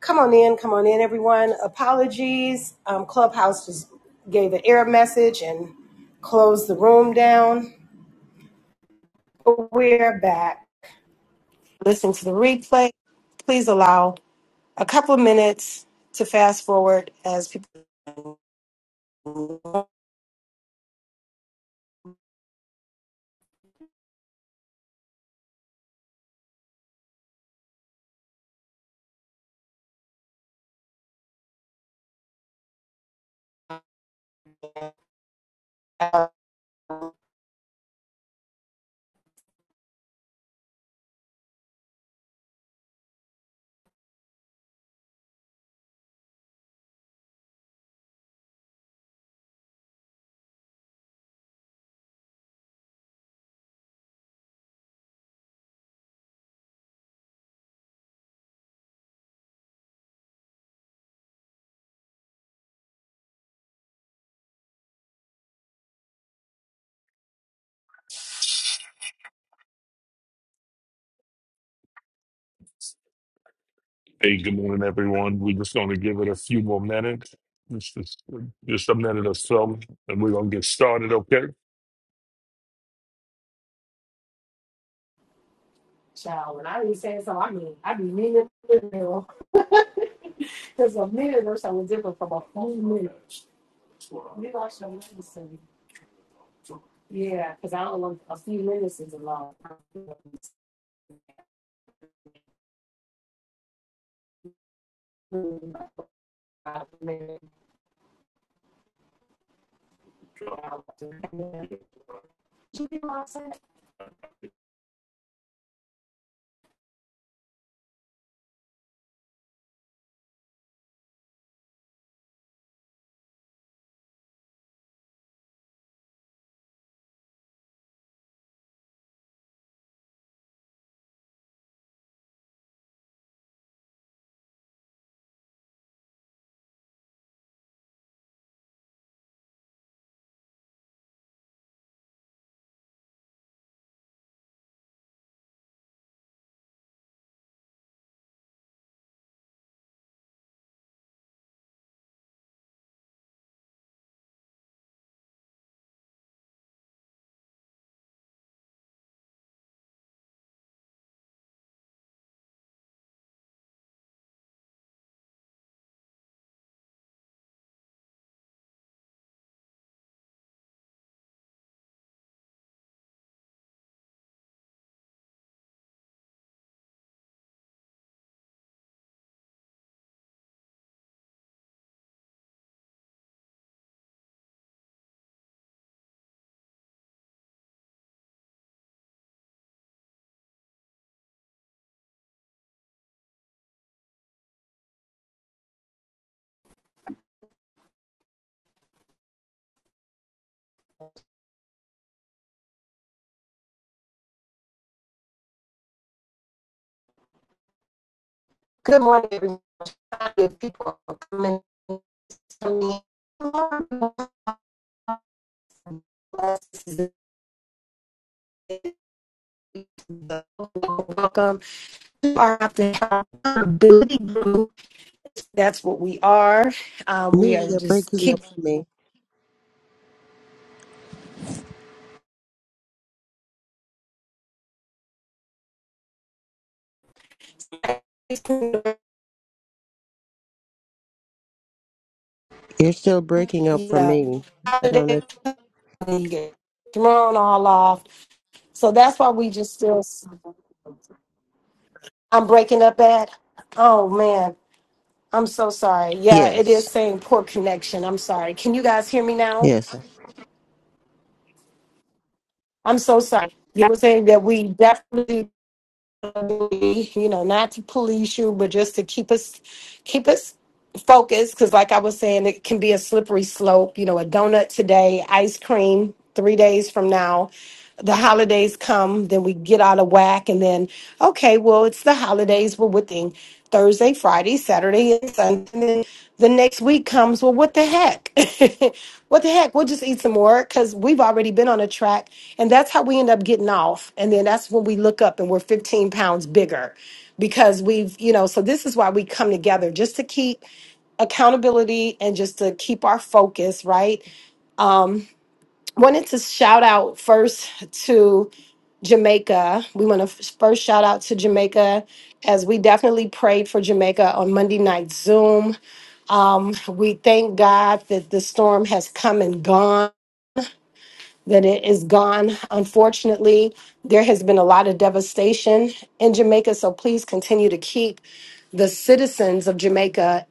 Come on in, come on in, everyone. Apologies. Um, Clubhouse just gave an error message and closed the room down. But We're back. Listen to the replay. Please allow a couple of minutes to fast forward as people Hey, good morning, everyone. We're just going to give it a few more minutes, just, just, just a minute or so, and we're going to get started, okay? welcome to our accountability group. That's what we are. Um, Nia, we are you're just breaking up keeping for me. You're still breaking up for yeah, me. I don't know. If... thrown all off. So that's why we just still I'm breaking up at. Oh man, I'm so sorry. Yeah, it Yes, is saying poor connection. I'm sorry. Can you guys hear me now? yes. I'm so sorry. You were saying that we definitely, you know, not to police you, but just to keep us, keep us focus because like i was saying it can be a slippery slope you know a donut today ice cream three days from now the holidays come then we get out of whack and then okay well it's the holidays we're within thursday friday saturday and sunday and then the next week comes well what the heck what the heck we'll just eat some more because we've already been on a track and that's how we end up getting off and then that's when we look up and we're 15 pounds bigger because we've you know so this is why we come together just to keep accountability and just to keep our focus, right? Um, wanted to shout out first to Jamaica. We want to first shout out to Jamaica as we definitely prayed for Jamaica on Monday night Zoom. Um, we thank God that the storm has come and gone, that it is gone. Unfortunately, there has been a lot of devastation in Jamaica, so please continue to keep the citizens of Jamaica.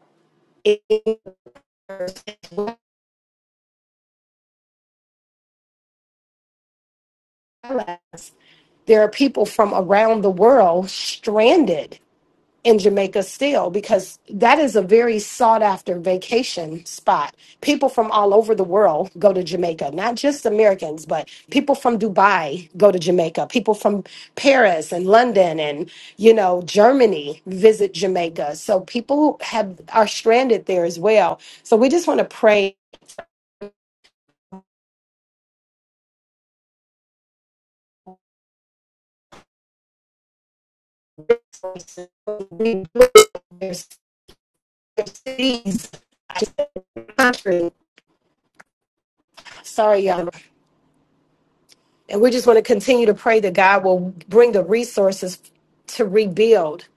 there are people from around the world stranded in Jamaica still because that is a very sought after vacation spot. People from all over the world go to Jamaica, not just Americans, but people from Dubai go to Jamaica, people from Paris and London and you know Germany visit Jamaica. So people have are stranded there as well. So we just want to pray their cities, country. Sorry, y'all. And we just want to continue to pray that God will bring the resources to rebuild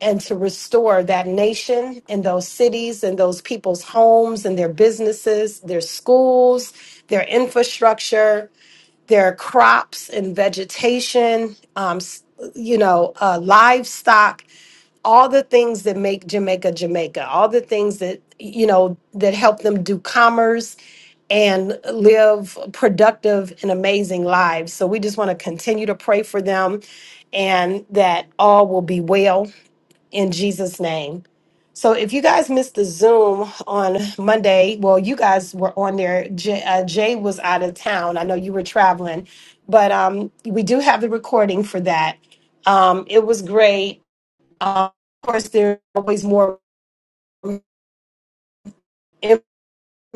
and to restore that nation and those cities and those people's homes and their businesses, their schools, their infrastructure their crops and vegetation, um, s- you know, uh, livestock, all the things that make Jamaica Jamaica, all the things that, you know, that help them do commerce and live productive and amazing lives. So we just want to continue to pray for them and that all will be well in Jesus' name. So if you guys missed the Zoom on Monday, well, you guys were on there. Jay, uh, Jay was out of town. I know you were traveling, but um, we do have the recording for that. Um, it was great. Uh, of course, there's always more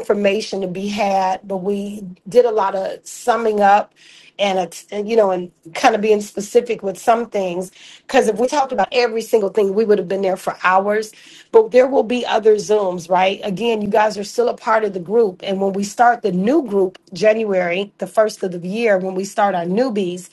information to be had, but we did a lot of summing up and, it's- and you know, and kind of being specific with some things. Because if we talked about every single thing, we would have been there for hours. But there will be other Zooms, right? Again, you guys are still a part of the group. And when we start the new group, January, the first of the year, when we start our newbies,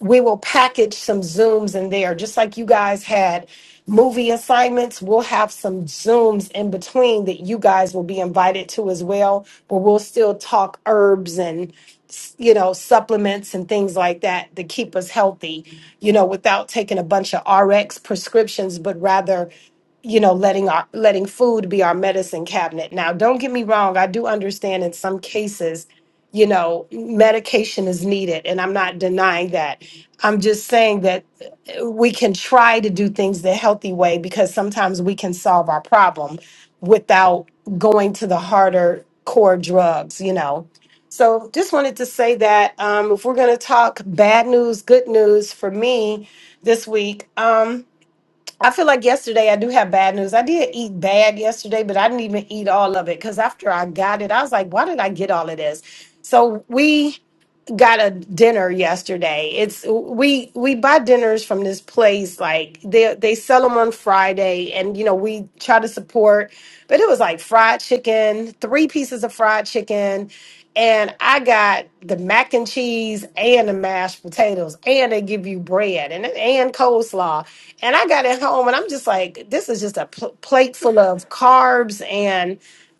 we will package some Zooms in there, just like you guys had movie assignments. We'll have some Zooms in between that you guys will be invited to as well, but we'll still talk herbs and s- you know supplements and things like that to keep us healthy you know without taking a bunch of rx prescriptions but rather you know letting our letting food be our medicine cabinet now don't get me wrong i do understand in some cases you know medication is needed and i'm not denying that I'm just saying that uh, we can try to do things the healthy way because sometimes we can solve our problem without going to the harder core drugs, you know. So just wanted to say that um, if we're going to talk bad news, good news for me this week, um, I feel like yesterday I do have bad news. I did eat bad yesterday, but I didn't even eat all of it because after I got it, I was like, why did I get all of this? So we got a dinner yesterday. It's we we buy dinners from this place like they they sell them on Friday and you know we try to support. But it was like fried chicken, three pieces of fried chicken, and I got the mac and cheese and the mashed potatoes and they give you bread and and coleslaw. And I got it home and I'm just like this is just a pl- plate full of carbs and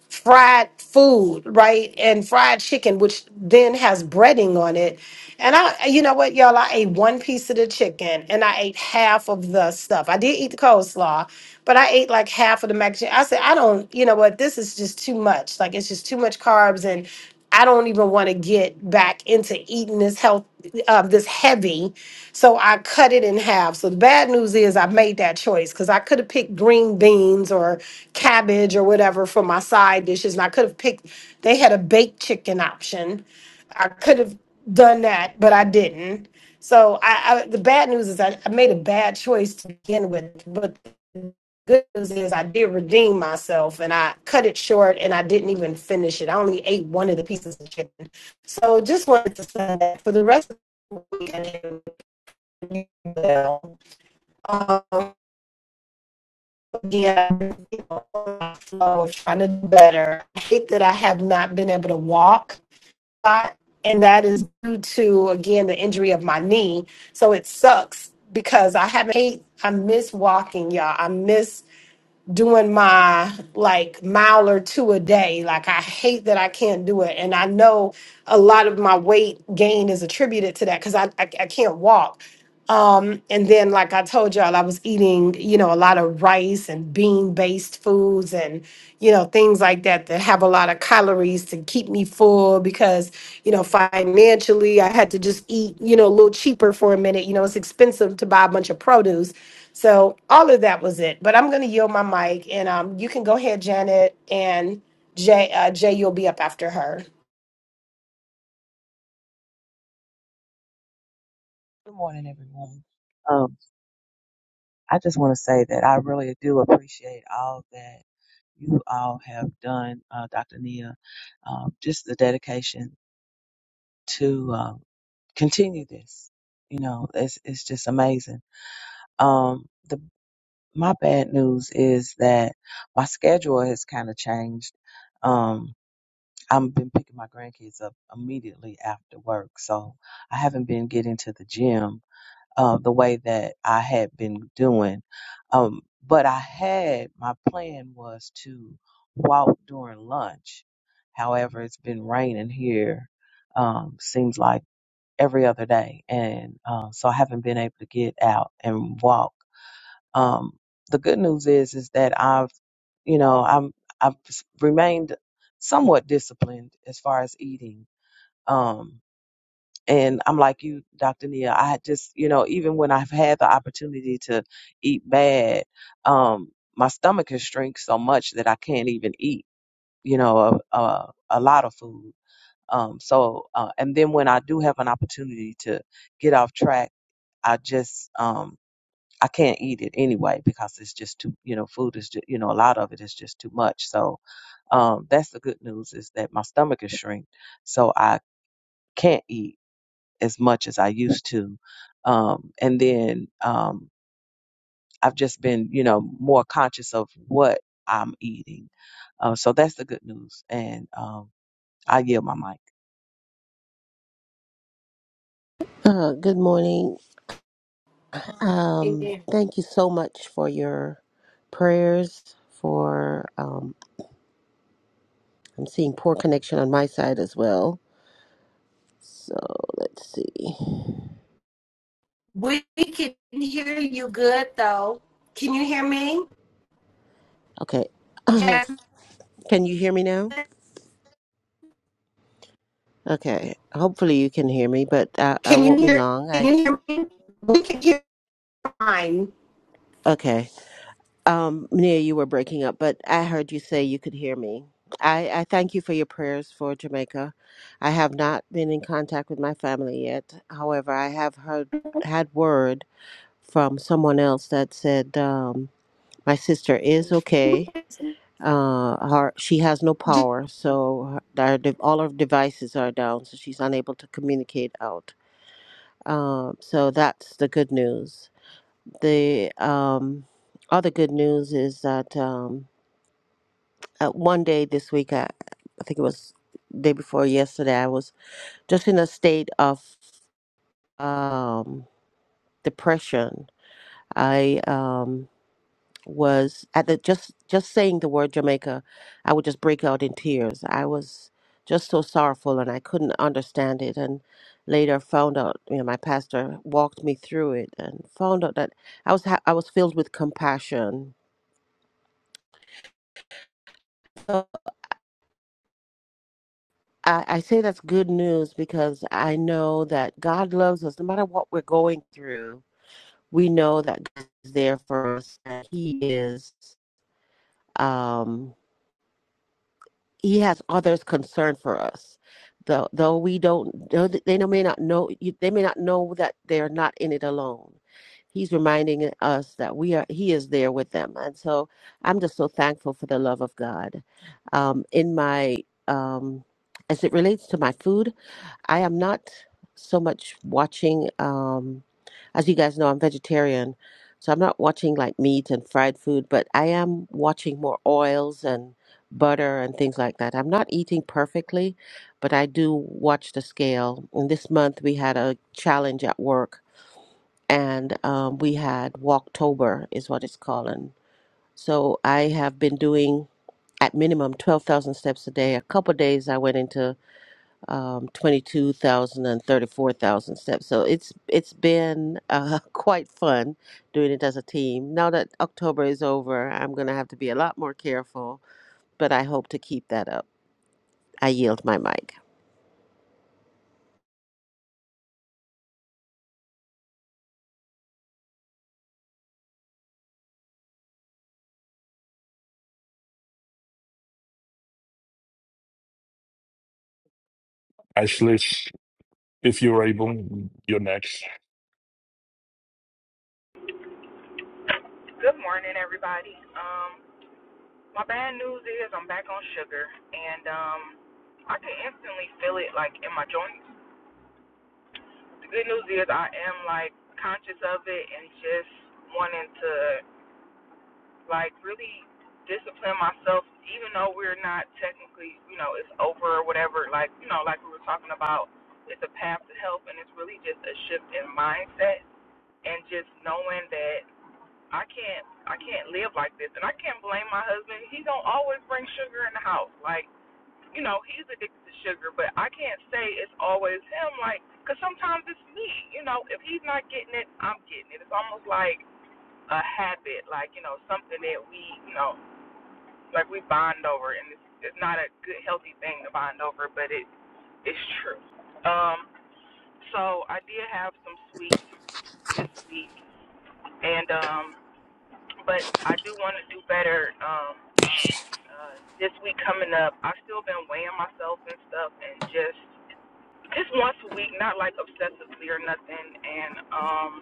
fried food, right? And fried chicken, which then has breading on it. And I, you know what, y'all, I ate one piece of the chicken and I ate half of the stuff. I did eat the coleslaw, but I ate like half of the mac and cheese. I said, I don't, you know what, this is just too much. Like, it's just too much carbs and I don't even want to get back into eating this health, uh, this heavy. So I cut it in half. So the bad news is I made that choice because I could have picked green beans or cabbage or whatever for my side dishes. And I could have picked, they had a baked chicken option. I could have done that, but I didn't. So I, I the bad news is I, I made a bad choice to begin with, but the good news is I did redeem myself and I cut it short and I didn't even finish it. I only ate one of the pieces of chicken. So just wanted to say that for the rest of the week, I did well. Um, yeah, you know, flow of trying to do better. I hate that I have not been able to walk a lot, and that is due to again the injury of my knee. So it sucks because I haven't. Hate, I miss walking, y'all. I miss doing my like mile or two a day. Like I hate that I can't do it, and I know a lot of my weight gain is attributed to that because I, I I can't walk. Um, and then, like I told y'all, I was eating, you know, a lot of rice and bean based foods and, you know, things like that that have a lot of calories to keep me full because, you know, financially I had to just eat, you know, a little cheaper for a minute. You know, it's expensive to buy a bunch of produce. So all of that was it. But I'm going to yield my mic and um, you can go ahead, Janet, and Jay, uh, Jay, you'll be up after her. Good morning, everyone. Um, I just want to say that I really do appreciate all that you all have done, uh, Dr. Nia. Um, just the dedication to uh, continue this, you know, it's it's just amazing. Um, the my bad news is that my schedule has kind of changed. Um, I've been picking my grandkids up immediately after work, so I haven't been getting to the gym uh, the way that I had been doing. Um, but I had my plan was to walk during lunch. However, it's been raining here. Um, seems like every other day, and uh, so I haven't been able to get out and walk. Um, the good news is is that I've, you know, I'm I've s- remained somewhat disciplined as far as eating. Um, and I'm like you, Dr. Nia. I had just, you know, even when I've had the opportunity to eat bad, um, my stomach has shrink so much that I can't even eat, you know, a, a, a lot of food. Um, so, uh, and then when I do have an opportunity to get off track, I just, um, I can't eat it anyway because it's just too, you know, food is, just, you know, a lot of it is just too much. So, um, that's the good news is that my stomach is shrink, so I can't eat as much as I used to. Um, and then um, I've just been, you know, more conscious of what I'm eating. Uh, so that's the good news. And um, I yield my mic. Uh, good morning. Um, Amen. thank you so much for your prayers. For um, I'm seeing poor connection on my side as well. So let's see. We we can hear you good, though. Can you hear me? Okay, Jasmine, can you hear me now? Okay. Hopefully you can hear me, but I, I can you won't be hear? long. Can I you hear me? We can hear mine. okay. Um, Nia, you were breaking up, but I heard you say you could hear me. I, I thank you for your prayers for Jamaica. I have not been in contact with my family yet. However, I have heard had word from someone else that said um, my sister is okay. Uh, her, she has no power, so her, our de- all her devices are down, so she's unable to communicate out. Um, so that's the good news. The um, other good news is that. Um, uh, one day this week, I, I think it was day before yesterday, I was just in a state of um, depression. I um, was at the just just saying the word Jamaica, I would just break out in tears. I was just so sorrowful, and I couldn't understand it. And later, found out you know my pastor walked me through it, and found out that I was ha- I was filled with compassion. So I, I say that's good news because I know that God loves us no matter what we're going through. We know that God is there for us. That He is. Um, he has others concerned for us. Though, though we don't, though they may not know. They may not know that they're not in it alone. He's reminding us that we are. He is there with them, and so I'm just so thankful for the love of God. Um, in my, um, as it relates to my food, I am not so much watching, um, as you guys know, I'm vegetarian, so I'm not watching like meat and fried food, but I am watching more oils and butter and things like that. I'm not eating perfectly, but I do watch the scale. And this month we had a challenge at work, and um, we had Walktober, is what it's called. And so I have been doing at minimum 12,000 steps a day. A couple days I went into um, 22,000 steps. So it's it's been uh, quite fun doing it as a team. Now that October is over, I'm going to have to be a lot more careful, but I hope to keep that up. I yield my mic. Ashley, if you're able, you're next. Good morning, everybody. Um, my bad news is I'm back on sugar, and um, I can instantly feel it like in my joints. The good news is I am like conscious of it and just wanting to like really discipline myself, even though we're not technically, you know, it's over or whatever. Like you know, like we were talking about, it's a path to health, and it's really just a shift in mindset and just knowing that. I can't I can't live like this and I can't blame my husband. He don't always bring sugar in the house. Like, you know, he's addicted to sugar, but I can't say it's always him like cuz sometimes it's me. You know, if he's not getting it, I'm getting it. It's almost like a habit, like, you know, something that we, you know, like we bond over and it's it's not a good healthy thing to bond over, but it it's true. Um so I did have some sweets this week and um but I do want to do better um uh, this week coming up, I've still been weighing myself and stuff, and just just once a week, not like obsessively or nothing. And um,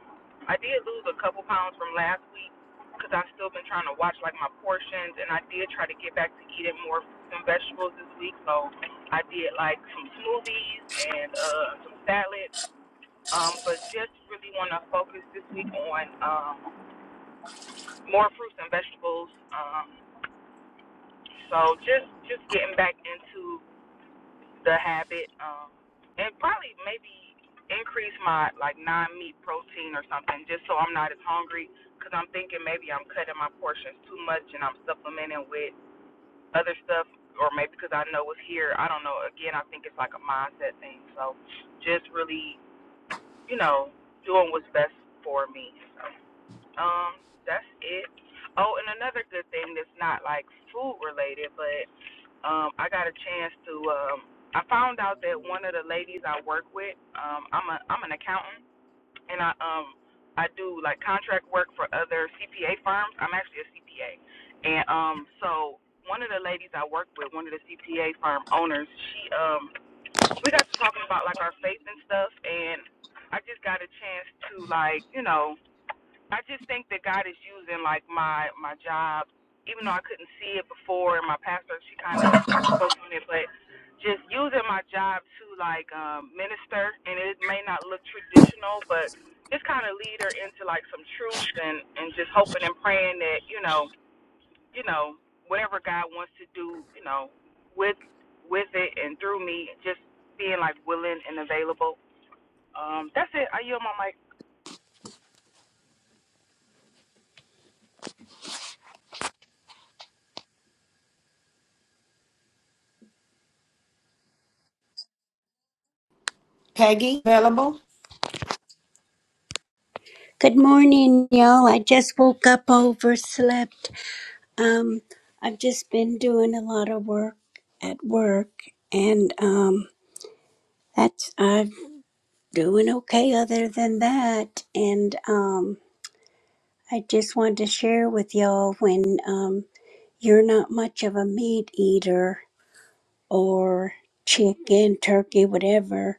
I did lose a couple pounds from last week because I've still been trying to watch like my portions, and I did try to get back to eating more fruits and vegetables this week. So I did like some smoothies and uh, some salad. Um, but just really want to focus this week on um, more fruits and vegetables. Um, so just just getting back into the habit, um, and probably maybe increase my like non-meat protein or something, just so I'm not as hungry. Cause I'm thinking maybe I'm cutting my portions too much and I'm supplementing with other stuff, or maybe because I know it's here. I don't know. Again, I think it's like a mindset thing. So just really, you know, doing what's best for me. So um, that's it. Oh, and another good thing that's not like food related, but um, I got a chance to. Um, I found out that one of the ladies I work with, um, I'm a I'm an accountant, and I um I do like contract work for other CPA firms. I'm actually a CPA, and um so one of the ladies I work with, one of the CPA firm owners, she um we got to talking about like our faith and stuff, and I just got a chance to like you know I just think that God is using like my my job, even though I couldn't see it before, and my pastor she kind of like spoke on it, but just using my job to like um, minister, and it may not look traditional, but just kind of lead her into like some truths, and and just hoping and praying that you know you know whatever God wants to do, you know with with it and through me, just being like willing and available. Um, that's it. I yield my mic. Peggy, available. Good morning, y'all. I just woke up, overslept. Um, I've just been doing a lot of work at work, and um, that's I'm doing okay. Other than that, and um, I just wanted to share with y'all when um, you're not much of a meat eater or chicken, turkey, whatever.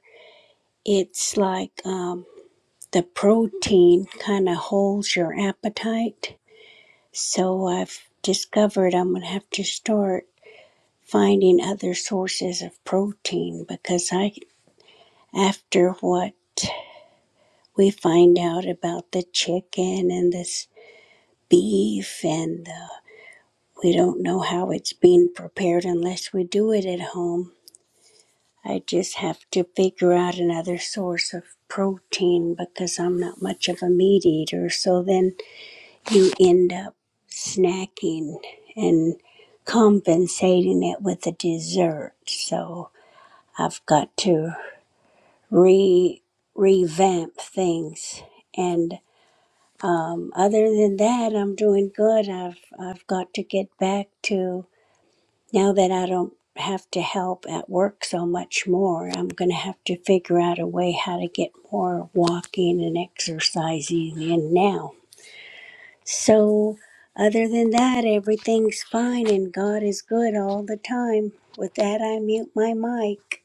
It's like um, the protein kind of holds your appetite So I've discovered I'm going to have to start finding other sources of protein because I, after what we find out about the chicken and this beef and the, we don't know how it's being prepared unless we do it at home. I just have to figure out another source of protein because I'm not much of a meat eater. So then you end up snacking and compensating it with a dessert. So I've got to re revamp things. And um, other than that, I'm doing good. I've I've got to get back to now that I don't have to help at work so much more. I'm going to have to figure out a way how to get more walking and exercising in now So, other than that, everything's fine and God is good all the time. With that, I mute my mic.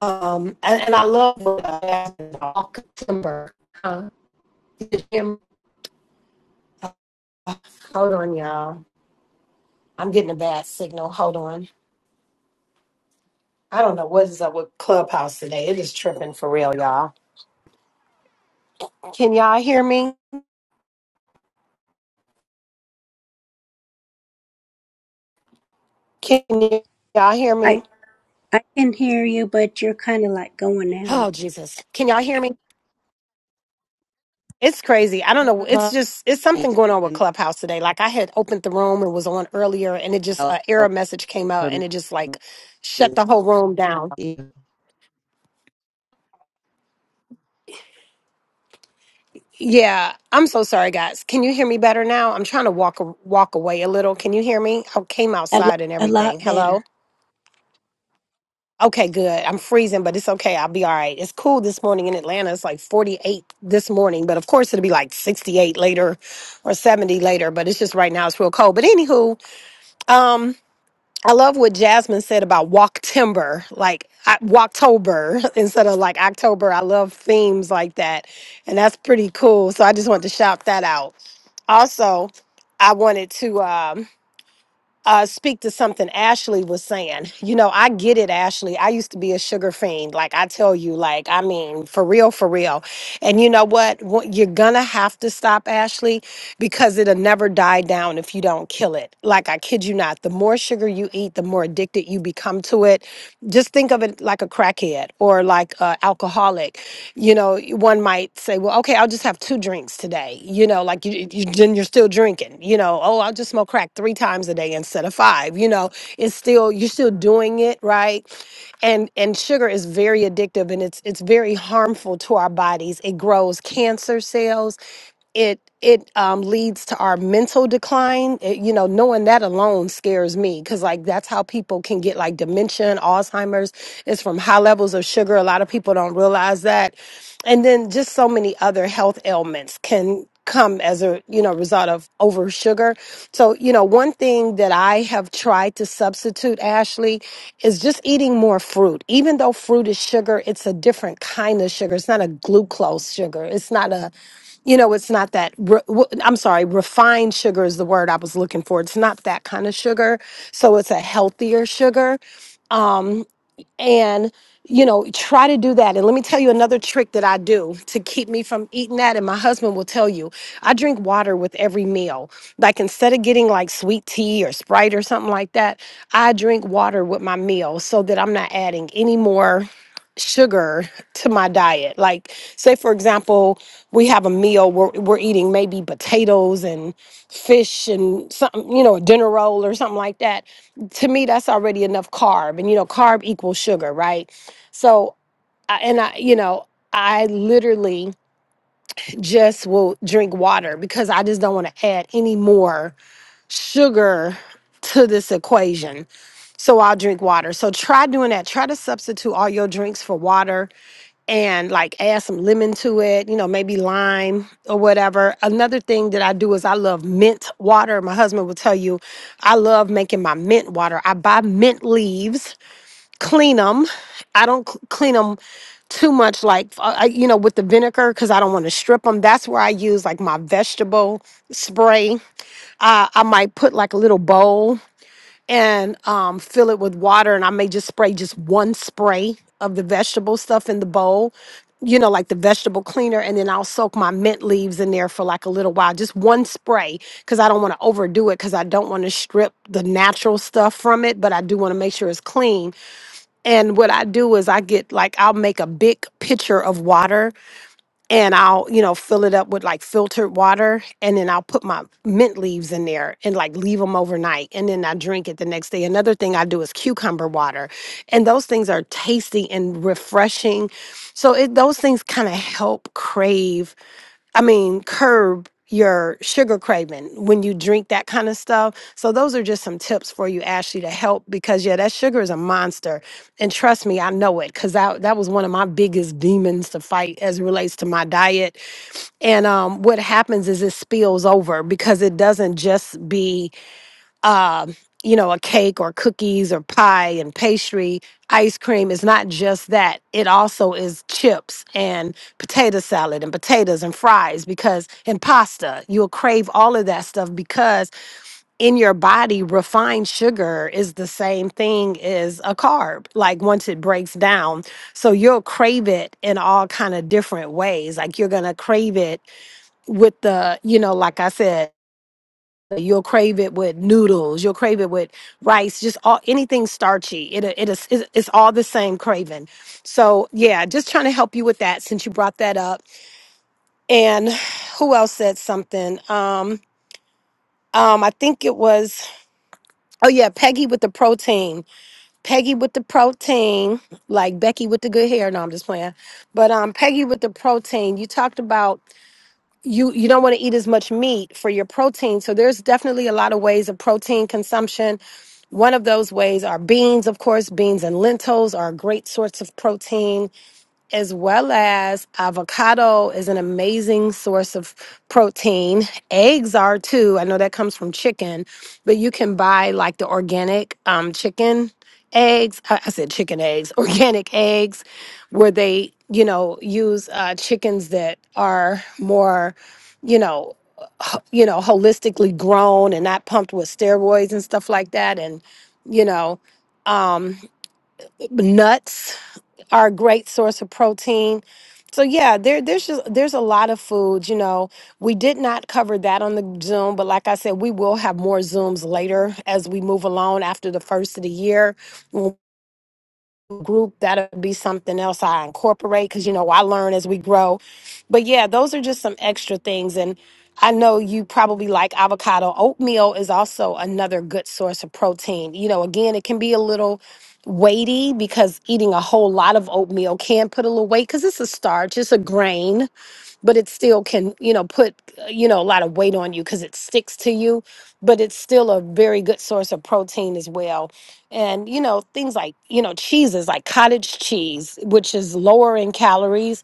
Um, and, and I love what uh, Jasmine, all timber. Huh? Him- Hold on, y'all. I'm getting a bad signal. Hold on. I don't know what is up with Clubhouse today. It is tripping for real, y'all. Can y'all hear me? Can y- y'all hear I, me? I can hear you, but you're kind of like going out. Oh Jesus! Can y'all hear me? It's crazy. I don't know. It's just it's something going on with Clubhouse today. Like I had opened the room and was on earlier, and it just an error message came out, and it just like shut the whole room down. Yeah, I'm so sorry, guys. Can you hear me better now? I'm trying to walk walk away a little. Can you hear me? I came A lot, outside and a everything. lot Hello. better. Okay, good. I'm freezing, but it's okay. I'll be all right. It's cool this morning in Atlanta. It's like 48 this morning, but of course it'll be like 68 later or 70 later. But it's just right now it's real cold. But anywho, um. I love what Jasmine said about walk timber, like I- Walktober instead of like October. I love themes like that. And that's pretty cool. So I just wanted to shout that out. Also, I wanted to. um, uh, speak to something Ashley was saying. You know, I get it, Ashley. I used to be a sugar fiend. Like I tell you, like, I mean, for real, for real. And you know what? What- You're gonna have to stop, Ashley, because it'll never die down if you don't kill it. Like, I kid you not. The more sugar you eat, the more addicted you become to it. Just think of it like a crackhead or like an alcoholic you know, one might say, well, okay, I'll just have two drinks today. You know, like you, you then you're still drinking. You know, oh, I'll just smoke crack three times a day instead of five. You know, it's still you're still doing it right and and sugar is very addictive and it's it's very harmful to our bodies it grows cancer cells it it um, leads to our mental decline It- you know knowing that alone scares me because like that's how people can get like dementia and alzheimer's it's from high levels of sugar a lot of people don't realize that and then just so many other health ailments can come as a you know result of over sugar so you know one thing that i have tried to substitute ashley is just eating more fruit even though fruit is sugar it's a different kind of sugar it's not a glucose sugar it's not a you know it's not that re- w- i'm sorry refined sugar is the word i was looking for it's not that kind of sugar so it's a healthier sugar Um, and you know try to do that and let me tell you another trick that i do to keep me from eating that and my husband will tell you i drink water with every meal like instead of getting like sweet tea or sprite or something like that i drink water with my meal so that i'm not adding any more sugar to my diet like say for example we have a meal we're, we're eating maybe potatoes and fish and something you know a dinner roll or something like that to me that's already enough carb and you know carb equals sugar right so I- and i you know i literally just will drink water because i just don't want to add any more sugar to this equation so i'll drink water so try doing that try to substitute all your drinks for water and like add some lemon to it, you know, maybe lime or whatever. Another thing that I do is I love mint water. My husband will tell you I love making my mint water. I buy mint leaves, clean them. I don't cl- clean them too much like uh, I- you know with the vinegar because i don't want to strip them that's where i use like my vegetable spray uh, i might put like a little bowl and um, fill it with water. And I may just spray just one spray of the vegetable stuff in the bowl, you know, like the vegetable cleaner. And then I'll soak my mint leaves in there for like a little while, just one spray, because I don't want to overdo it, because I don't want to strip the natural stuff from it, but I do want to make sure it's clean. And what I do is I get like, I'll make a big pitcher of water and I'll, you know, fill it up with like filtered water and then I'll put my mint leaves in there and like leave them overnight and then I drink it the next day. Another thing I do is cucumber water. And those things are tasty and refreshing. So it those things kind of help crave I mean, curb your sugar craving when you drink that kind of stuff. So those are just some tips for you, Ashley, to help because yeah, that sugar is a monster. And trust me, I know it because that, that was one of my biggest demons to fight as it relates to my diet. And um, what happens is it spills over because it doesn't just be um, you know, a cake or cookies or pie and pastry, ice cream is not just that. It also is chips and potato salad and potatoes and fries because and pasta. You'll crave all of that stuff because in your body, refined sugar is the same thing as a carb. Like once it breaks down, so you'll crave it in all kind of different ways. Like you're gonna crave it with the, you know, like I said. You'll crave it with noodles. You'll crave it with rice. Just all anything starchy. It it is it's it's all the same craving. So yeah, just trying to help you with that since you brought that up. And who else said something? Um, um, I think it was oh yeah, Peggy with the protein. Peggy with the protein, like Becky with the good hair. No, I'm just playing. But um, Peggy with the protein. You talked about you you don't want to eat as much meat for your protein so there's definitely a lot of ways of protein consumption one of those ways are beans of course beans and lentils are great sorts of protein as well as avocado is an amazing source of protein. Eggs are too. I know that comes from chicken, but you can buy like the organic um, chicken eggs. I, I said chicken eggs, organic eggs, where they, you know, use uh, chickens that are more you know ho- you know holistically grown and not pumped with steroids and stuff like that and you know um nuts are a great source of protein. So yeah, there there's just there's a lot of foods, you know. We did not cover that on the Zoom, but like I said, we will have more Zooms later as we move along after the first of the year when group that'll be something else i incorporate because you know i learn as we grow but yeah those are just some extra things and i know you probably like avocado oatmeal is also another good source of protein you know again it can be a little weighty because eating a whole lot of oatmeal can put a little weight because it's a starch it's a grain but it still can you know put uh, you know a lot of weight on you because it sticks to you but it's still a very good source of protein as well and you know things like you know cheeses like cottage cheese which is lower in calories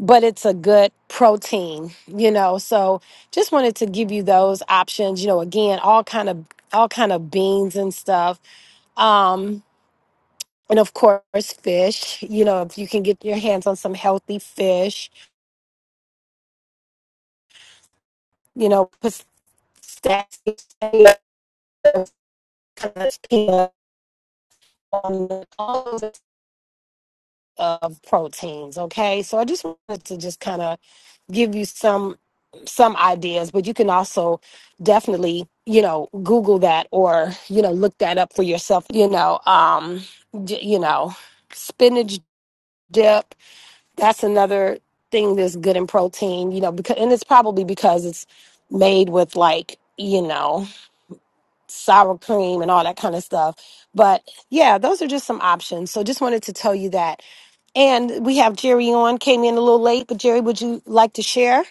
but it's a good protein you know so just wanted to give you those options you know again all kind of all kind of beans and stuff um and of course fish you know if you can get your hands on some healthy fish you know put sassy on the of proteins. Okay, so I just wanted to just kind of give you some some ideas, but you can also definitely you know Google that or you know look that up for yourself. You know, um, j- you know, spinach dip. That's another thing that's good in protein. You know, because and it's probably because it's made with like you know sour cream and all that kind of stuff. But yeah, those are just some options. So just wanted to tell you that. And we have Jerry on, came in a little late, but Jerry, would you like to share?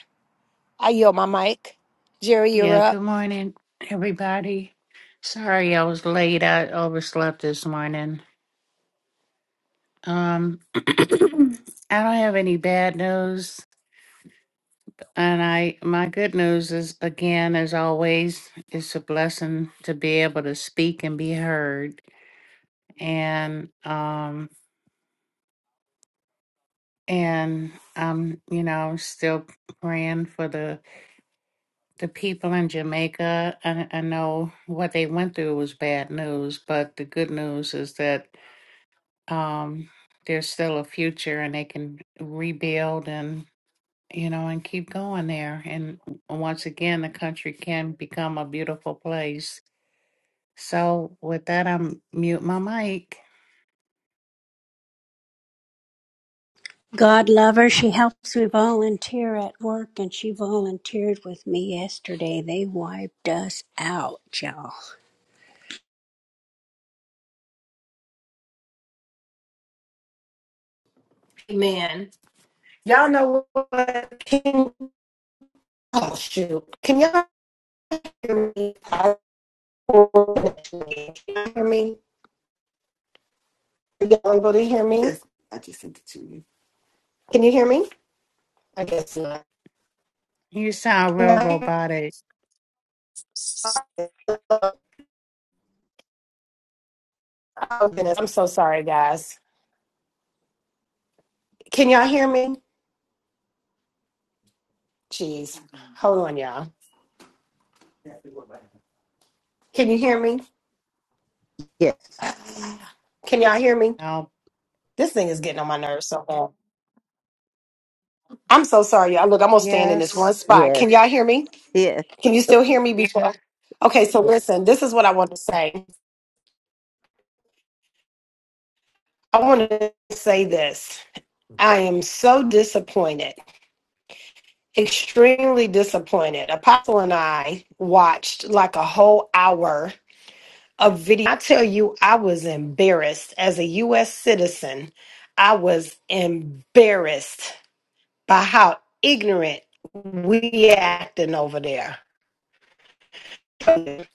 I yield my mic. Jerry, you're Yeah, up. good morning, everybody. Sorry I was late. I overslept this morning. Um, I don't have any bad news, and I my good news is again, as always, it's a blessing to be able to speak and be heard. And um, and um, you know, I'm still praying for the the people in Jamaica. I, I know what they went through was bad news, but the good news is that um, there's still a future and they can rebuild and you know and keep going there and once again the country can become a beautiful place so with that i'm mute my mic God love her. She helps me volunteer at work, and she volunteered with me yesterday. They wiped us out, y'all. Amen. Y'all know what? Can, oh, shoot. Can y'all hear me? I- Can you hear me? Are y'all able to hear me? Yes. Can you hear me? I guess. you sound Can real y'all robotic hear- Oh, goodness. I'm so sorry, guys. Can y'all hear me? Jeez. Hold on, y'all. Can you hear me? Yes, Can y'all hear me? now This thing is getting on my nerves so bad. I'm so sorry, y'all. Look, I'm gonna stand in this yes one spot. Can yes, y'all hear me? yes. Can you still hear me before? Okay, so listen, this is what I want to say. I want to say this. I am so disappointed, extremely disappointed. Apostle and I watched like a whole hour of video. I tell you, I was embarrassed as a U.S. citizen. I was embarrassed by how ignorant we acting over there. It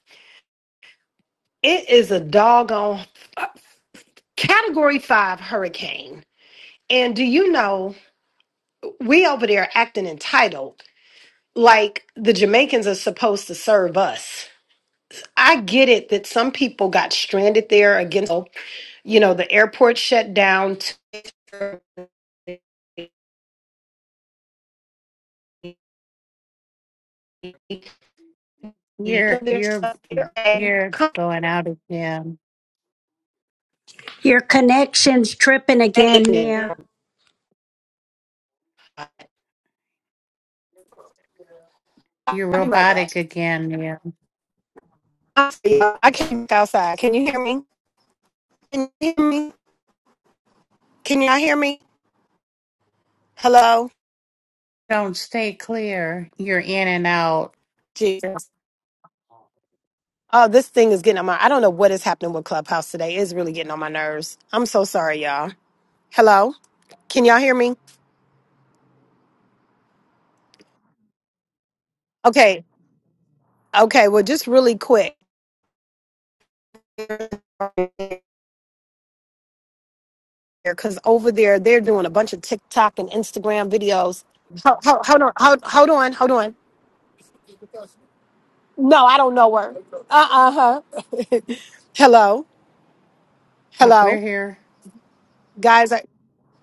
is a doggone category five hurricane. And do you know we over there acting entitled like the Jamaicans are supposed to serve us? I get it that some people got stranded there against, you know, the airport shut down. To you're Their you're stuff, they're you're going out again Your connection's tripping again, complaining. Nia. you're I'll be right back. robotic again Neil. I see y'all. I can't look outside. Can you hear me? Can you hear me? Can y'all hear me? Hello? don't stay clear you're in and out Jesus. Oh, this thing is getting on my I don't know what is happening with Clubhouse today. It's really getting on my nerves. I'm so sorry, y'all. Hello? Can y'all hear me? Okay. Okay. Well, just really quick here, because over there they're doing a bunch of TikTok and Instagram videos. Ho- ho- Hold, on. Hold, hold on. Hold on. No, I don't know her. Uh uh huh. Hello. Uh, Hello. we're here Guys,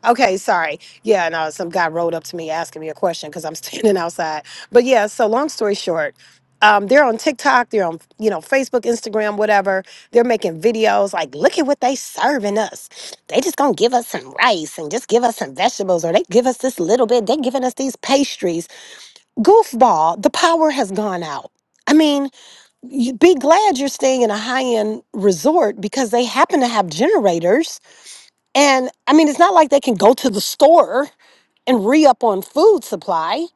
Okay, sorry. Yeah, no, some guy rode up to me asking me a question because I'm standing outside. But yeah, so long story short, um, they're on TikTok, they're on you know Facebook, Instagram, whatever. They're making videos like, look at what they serving us. They just gonna give us some rice and just give us some vegetables, or they give us this little bit. They giving us these pastries. Goofball, the power has gone out. I mean, you be glad you're staying in a high end resort because they happen to have generators and I mean, it's not like they can go to the store and re-up on food supply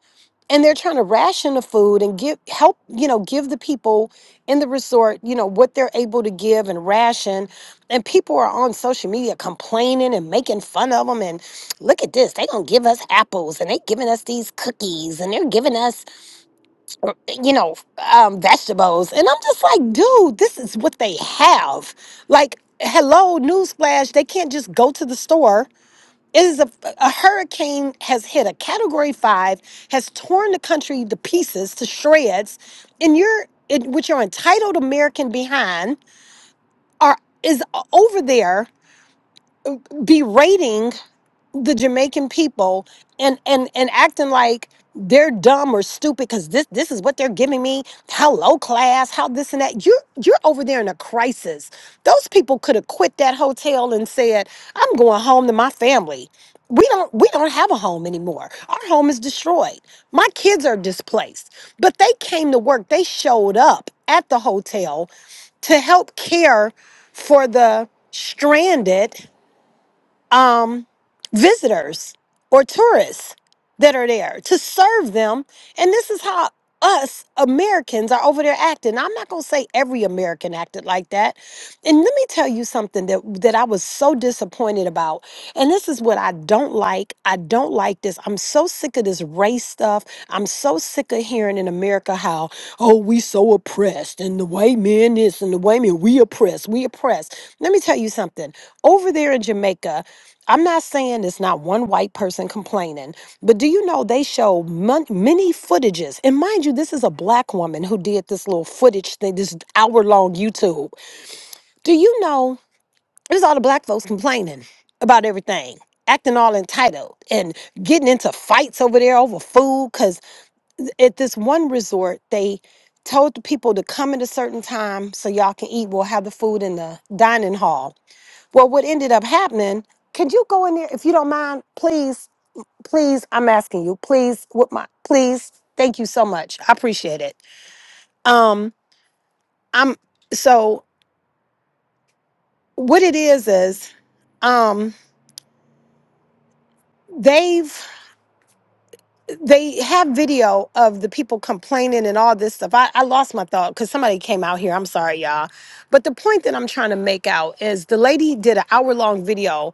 and they're trying to ration the food and give help you know give the people in the resort you know what they're able to give and ration and people are on social media complaining and making fun of them and look at this they gonna give us apples and they giving us these cookies and they're giving us uh, you know um, vegetables and i'm just like dude this is what they have like hello newsflash they can't just go to the store it is a, a hurricane has hit a category five, has torn the country to pieces, to shreds, and you're it, with your entitled American behind are is over there berating the Jamaican people and and and acting like they're dumb or stupid because this this is what they're giving me. How low class, how this and that. You're you're over there in a crisis. Those people could have quit that hotel and said, "I'm going home to my family." We don't we don't have a home anymore. Our home is destroyed. My kids are displaced. But they came to work. They showed up at the hotel to help care for the stranded um, visitors or tourists that are there to serve them. And this is how us Americans are over there acting. I'm not going to say every American acted like that. And let me tell you something that that I was so disappointed about. And this is what I don't like. I don't like this. I'm so sick of this race stuff. I'm so sick of hearing in America how, oh, we so oppressed and the white man this and the white man we oppress, we oppress. Let me tell you something. Over there in Jamaica, I'm not saying it's not one white person complaining, but do you know they show mon- many footages? And mind you, this is a black woman who did this little footage thing, this hour long YouTube. Do you know it was all the black folks complaining about everything, acting all entitled and getting into fights over there over food? Because at this one resort, they told the people to come at a certain time so y'all can eat. We'll have the food in the dining hall well, what ended up happening, could you go in there if you don't mind? Please, please, I'm asking you, please, with my please, thank you so much. I appreciate it. Um, I'm so what it is is um they've they have video of the people complaining and all this stuff. I, I lost my thought because somebody came out here. I'm sorry, y'all. But the point that I'm trying to make out is the lady did an hour long video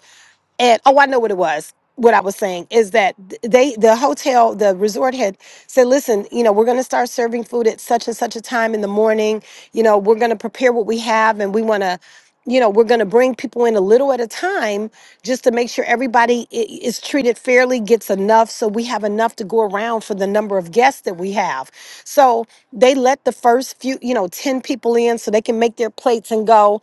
and oh i know what it was what i was saying is that th- they the hotel the resort had said listen you know we're going to start serving food at such and such a time in the morning you know we're going to prepare what we have and we want to you know we're going to bring people in a little at a time just to make sure everybody i- is treated fairly gets enough so we have enough to go around for the number of guests that we have so they let the first few, you know, 10 people in so they can make their plates and go,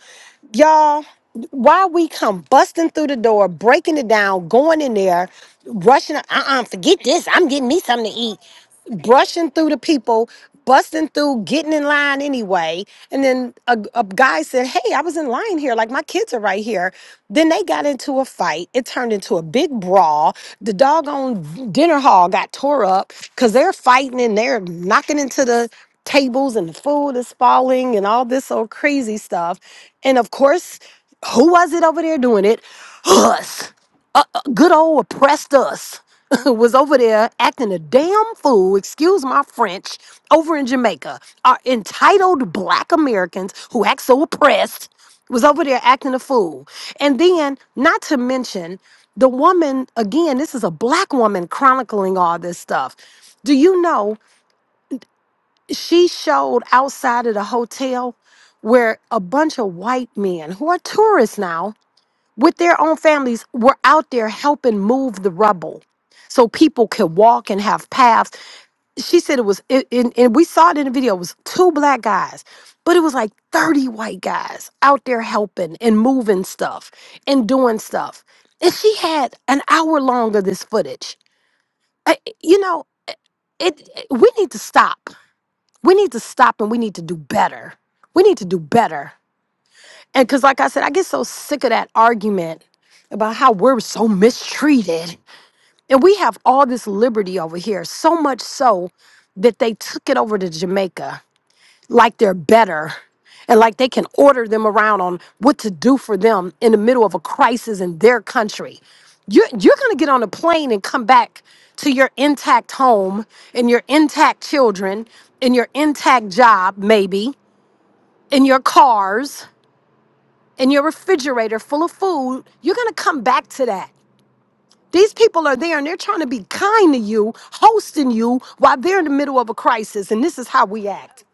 y'all. Why we come busting through the door, breaking it down, going in there, rushing. Uh uh forget this. I'm getting me something to eat brushing through the people, busting through, getting in line anyway. And then a, a guy said, Hey, I was in line here. Like, my kids are right here. Then they got into a fight. It turned into a big brawl. The doggone dinner hall got tore up because they're fighting and they're knocking into the tables and the food is falling and all this old crazy stuff. And of course, who was it over there doing it? Us. Good old oppressed us was over there acting a damn fool, excuse my French, over in Jamaica. Our entitled black Americans who act so oppressed was over there acting a fool. And then, not to mention, the woman, again, this is a black woman chronicling all this stuff. Do you know she showed outside of the hotel where a bunch of white men who are tourists now with their own families were out there helping move the rubble so people could walk and have paths. She said it was, it, and, and we saw it in the video, it was two black guys, but it was like 30 white guys out there helping and moving stuff and doing stuff. And she had an hour long of this footage. I, you know, it, we need to stop. We need to stop and we need to do better. We need to do better and because, like I said, I get so sick of that argument about how we're so mistreated. And we have all this liberty over here, so much so that they took it over to Jamaica like they're better and like they can order them around on what to do for them in the middle of a crisis in their country. You're, you're going to get on a plane and come back to your intact home and your intact children and your intact job, maybe, and your cars and your refrigerator full of food, you're going to come back to that. These people are there and they're trying to be kind to you, hosting you while they're in the middle of a crisis. And this is how we act.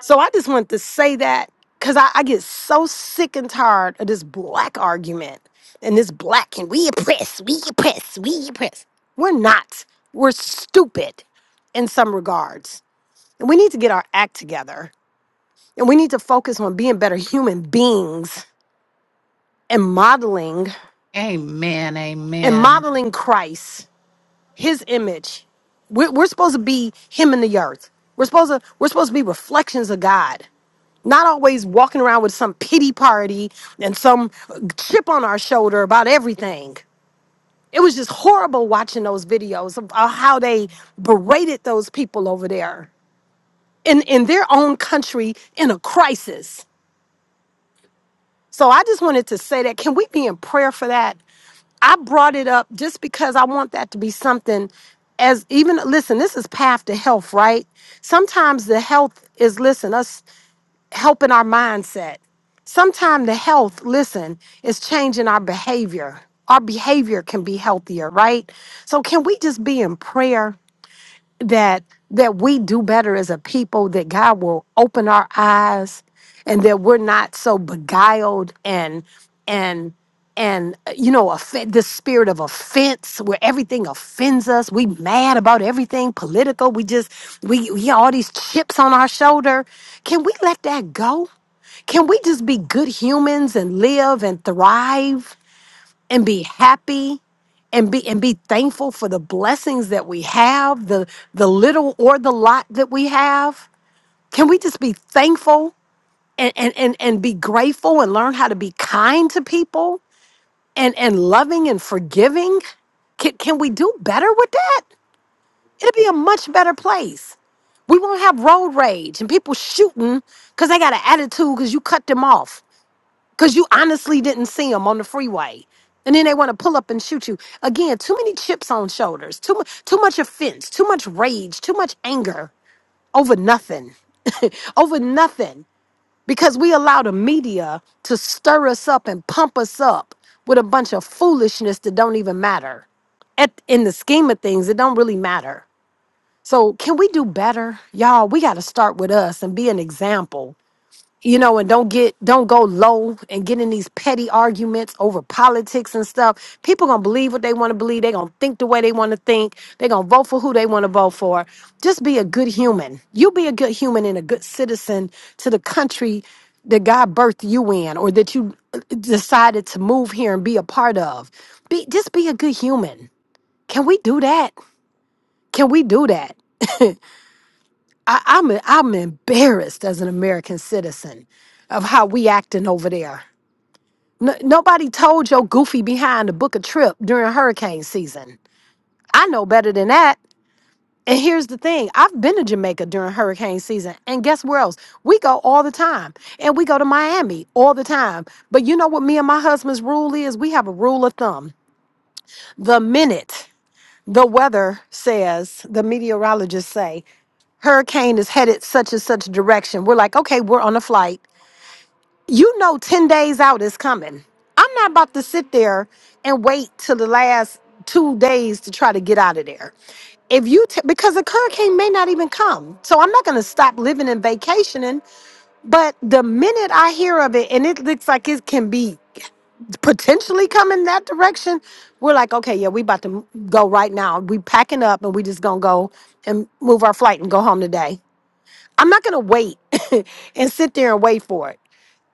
So I just want to say that because I, I get so sick and tired of this black argument and this black can we oppress, we oppress, we oppress. We're not. We're stupid in some regards. And we need to get our act together. And we need to focus on being better human beings and modeling amen and amen modeling Christ, His image. We're, we're supposed to be Him in the earth. We're supposed to we're supposed to be reflections of God, not always walking around with some pity party and some chip on our shoulder about everything. It was just horrible watching those videos of of how they berated those people over there in in their own country in a crisis. So I just wanted to say that. Can we be in prayer for that? I brought it up just because I want that to be something as even listen, this is path to health, right? Sometimes the health is listen, us helping our mindset. Sometimes the health, listen, is changing our behavior. Our behavior can be healthier, right? So can we just be in prayer? that that we do better as a people that god will open our eyes and that we're not so beguiled and and and uh, you know off- the spirit of offense where everything offends us we mad about everything political we just we, we all these chips on our shoulder can we let that go can we just be good humans and live and thrive and be happy and be and be thankful for the blessings that we have, the the little or the lot that we have. Can we just be thankful and and and, and be grateful and learn how to be kind to people and and loving and forgiving? Can, can we do better with that? It'll be a much better place. We won't have road rage and people shooting because they got an attitude because you cut them off because you honestly didn't see them on the freeway. And then they want to pull up and shoot you. Again, too many chips on shoulders, too, mu- too much offense, too much rage, too much anger over nothing, over nothing. Because we allow the media to stir us up and pump us up with a bunch of foolishness that don't even matter. At, in the scheme of things, it don't really matter. So can we do better? Y'all, we got to start with us and be an example you know, and don't get don't go low and get in these petty arguments over politics and stuff. People gonna believe what they want to believe. They gonna think the way they want to think. They gonna vote for who they want to vote for. Just be a good human. You be a good human and a good citizen to the country that God birthed you in, or that you uh, decided to move here and be a part of. Be just be a good human. Can we do that? Can we do that? I, I'm I'm embarrassed as an American citizen of how we acting over there. N- nobody told your goofy behind to book a trip during hurricane season. I know better than that. And here's the thing I've been to Jamaica during hurricane season. And guess where else? We go all the time. And we go to Miami all the time. But you know what me and my husband's rule is? We have a rule of thumb. The minute the weather says, the meteorologists say, hurricane is headed such and such direction, we're like, okay, we're on a flight. you know 10 days out is coming. I'm not about to sit there and wait till the last two days to try to get out of there. If you, t- because a hurricane may not even come. So I'm not going to stop living and vacationing. But the minute I hear of it and it looks like it can be potentially coming that direction, we're like, okay, yeah, we about to m- go right now. We packing up and we just going to go and move our flight and go home today. I'm not going to wait and sit there and wait for it.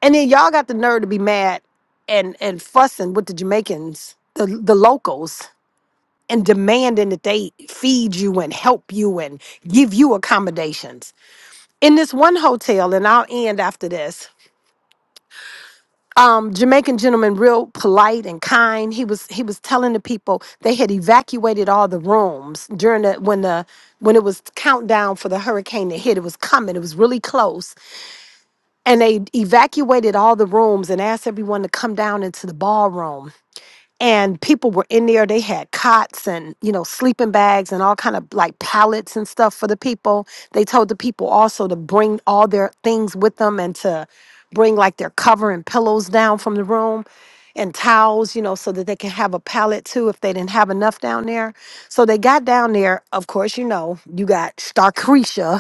And then y'all got the nerve to be mad and and fussing with the Jamaicans, the the locals, and demanding that they feed you and help you and give you accommodations. In this one hotel, and I'll end after this. Um, Jamaican gentleman, real polite and kind. He was he was telling the people they had evacuated all the rooms during the when the when it was countdown for the hurricane that hit. It was coming. It was really close, and they evacuated all the rooms and asked everyone to come down into the ballroom and people were in there they had cots and you know sleeping bags and all kind of like pallets and stuff for the people they told the people also to bring all their things with them and to bring like their cover and pillows down from the room and towels you know so that they can have a pallet too if they didn't have enough down there so they got down there of course you know you got starcretia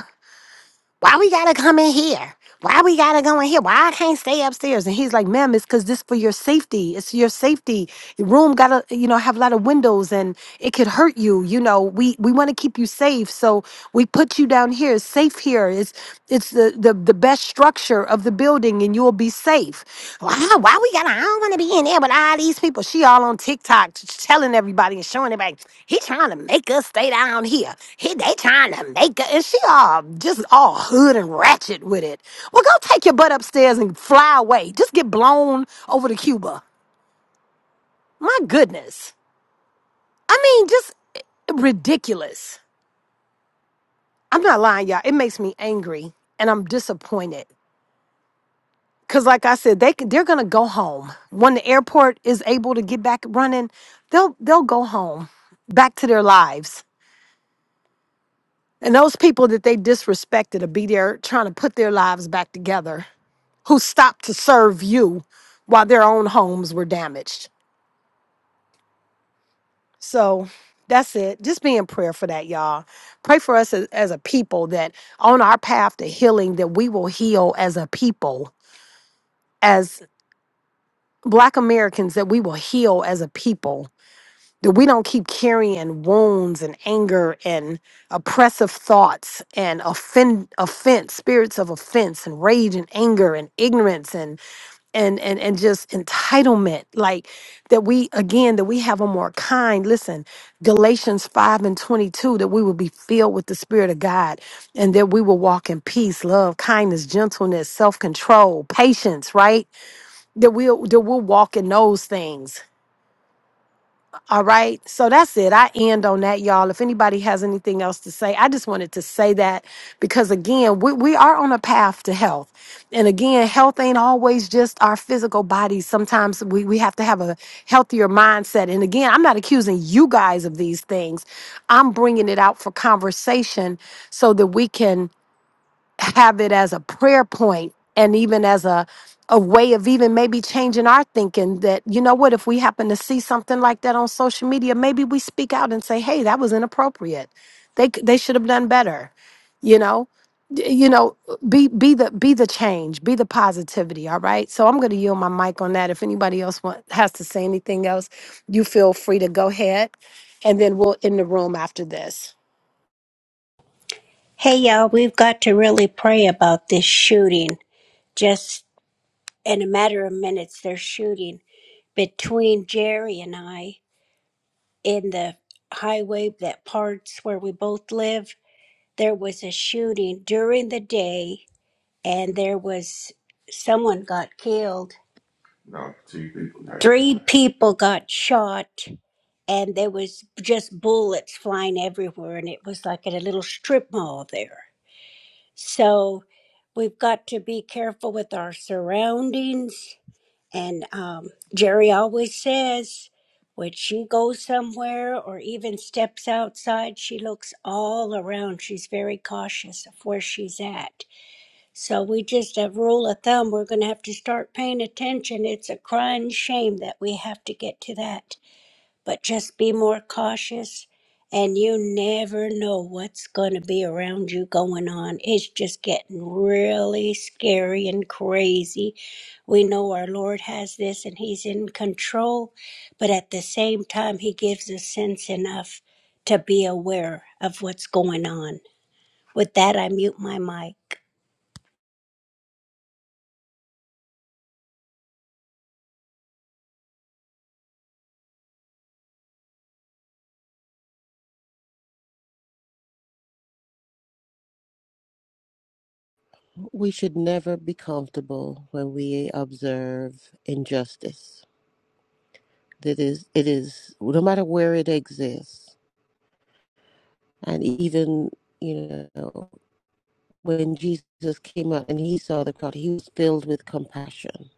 why we gotta come in here? Why we gotta go in here? Why I can't stay upstairs? And he's like, ma'am, it's cause this for your safety. It's your safety. Your room gotta, you know, have a lot of windows and it could hurt you. You know, we we wanna keep you safe. So we put you down here. It's safe here. It's it's the the, the best structure of the building and you will be safe. Why? Why we got? to I don't want to be in there with all these people. She all on TikTok t- telling everybody and showing everybody. He trying to make us stay down here. He they trying to make us, and she all just all hood and ratchet with it. Well, go take your butt upstairs and fly away. Just get blown over to Cuba. My goodness. I mean, just eh, ridiculous. I'm not lying, y'all. It makes me angry and I'm disappointed. Cause like I said, they c- they're gonna go home when the airport is able to get back running. They'll they'll go home, back to their lives. And those people that they disrespected will be there trying to put their lives back together. Who stopped to serve you while their own homes were damaged. So that's it. Just be in prayer for that, y'all. Pray for us as, as a people that on our path to healing that we will heal as a people, as Black Americans that we will heal as a people that we don't keep carrying wounds and anger and oppressive thoughts and offend offense spirits of offense and rage and anger and ignorance and and and, and just entitlement like that we again that we have a more kind listen galatians 5 and 22 that we will be filled with the spirit of god and that we will walk in peace love kindness gentleness self-control patience right that we'll that we'll walk in those things all right. So that's it. I end on that, y'all. If anybody has anything else to say, I just wanted to say that because, again, we, we are on a path to health. And again, health ain't always just our physical bodies. Sometimes we, we have to have a healthier mindset. And again, I'm not accusing you guys of these things, I'm bringing it out for conversation so that we can have it as a prayer point and even as a a way of even maybe changing our thinking that you know what if we happen to see something like that on social media maybe we speak out and say hey that was inappropriate they c- they should have done better you know D- you know be be the be the change be the positivity all right so i'm going to yield my mic on that if anybody else want, has to say anything else you feel free to go ahead and then we'll end the room after this Hey, y'all, we've got to really pray about this shooting. Just in a matter of minutes they're shooting between Jerry and I in the highway that parts where we both live. There was a shooting during the day, and there was someone got killed. Three people got shot, and there was just bullets flying everywhere, and it was like at a little strip mall there. So we've got to be careful with our surroundings And um, Jerry always says when she goes somewhere or even steps outside, she looks all around. She's very cautious of where she's at. So we just, a rule of thumb, we're going to have to start paying attention. It's a crying shame that we have to get to that but just be more cautious. And you never know what's going to be around you going on. It's just getting really scary and crazy. We know our Lord has this and He's in control, but at the same time, He gives us sense enough to be aware of what's going on. With that, I mute my mic. We should never be comfortable when we observe injustice. That is, it is, no matter where it exists And even, you know, when Jesus came out and he saw the crowd, he was filled with compassion.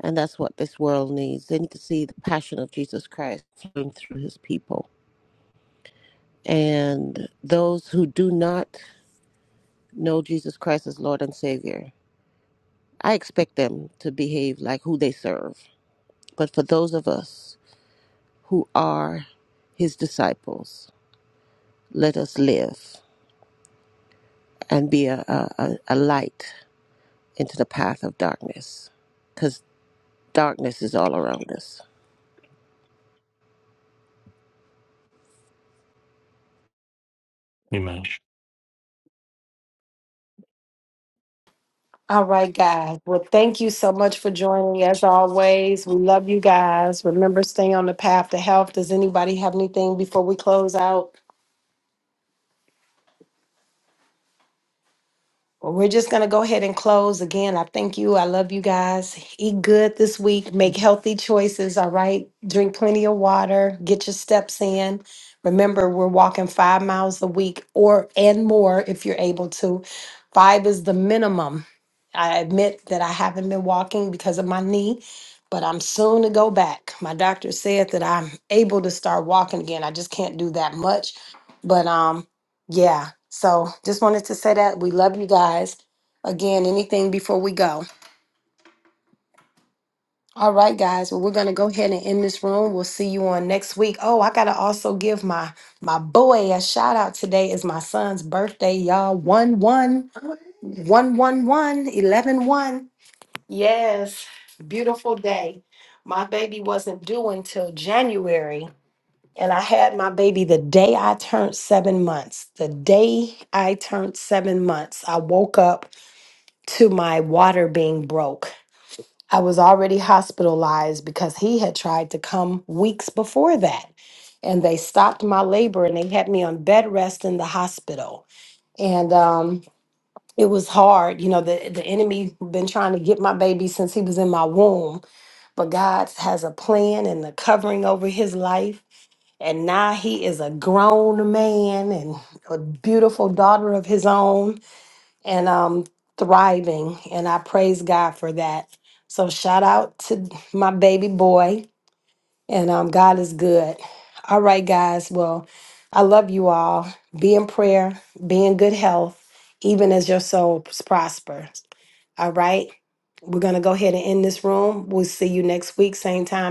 And that's what this world needs. They need to see the passion of Jesus Christ flowing through his people. And those who do not know Jesus Christ as Lord and Savior, I expect them to behave like who they serve. But for those of us who are his disciples, let us live and be a, a, a light into the path of darkness because. Darkness is all around us. Amen. All right, guys. Well, thank you so much for joining as always. We love you guys. Remember, stay on the path to health. Does anybody have anything before we close out? Well, we're just going to go ahead and close. Again, I thank you. I love you guys. Eat good this week. Make healthy choices. All right. Drink plenty of water. Get your steps in. Remember, we're walking five miles a week or and more if you're able to. Five is the minimum. I admit that I haven't been walking because of my knee, but I'm soon to go back. My doctor said that I'm able to start walking again. I just can't do that much. But um yeah. So just wanted to say that. We love you guys. Again, anything before we go. All right, guys. Well, we're gonna go ahead and end this room. We'll see you on next week. Oh, I gotta also give my my boy a shout out. Today is my son's birthday, y'all. One one one one one eleven one. Yes, beautiful day. My baby wasn't due until January. And I had my baby the day I turned seven months. The day I turned seven months, I woke up to my water being broke. I was already hospitalized because he had tried to come weeks before that. And they stopped my labor and they had me on bed rest in the hospital. And um, it was hard. You know, the, the enemy been trying to get my baby since he was in my womb, but God has a plan and the covering over his life and now he is a grown man and a beautiful daughter of his own and um thriving. And I praise God for that. So shout out to my baby boy. And um God is good. All right, guys. Well, I love you all. Be in prayer, be in good health, even as your soul prospers. All right. We're gonna go ahead and end this room. We'll see you next week, same time.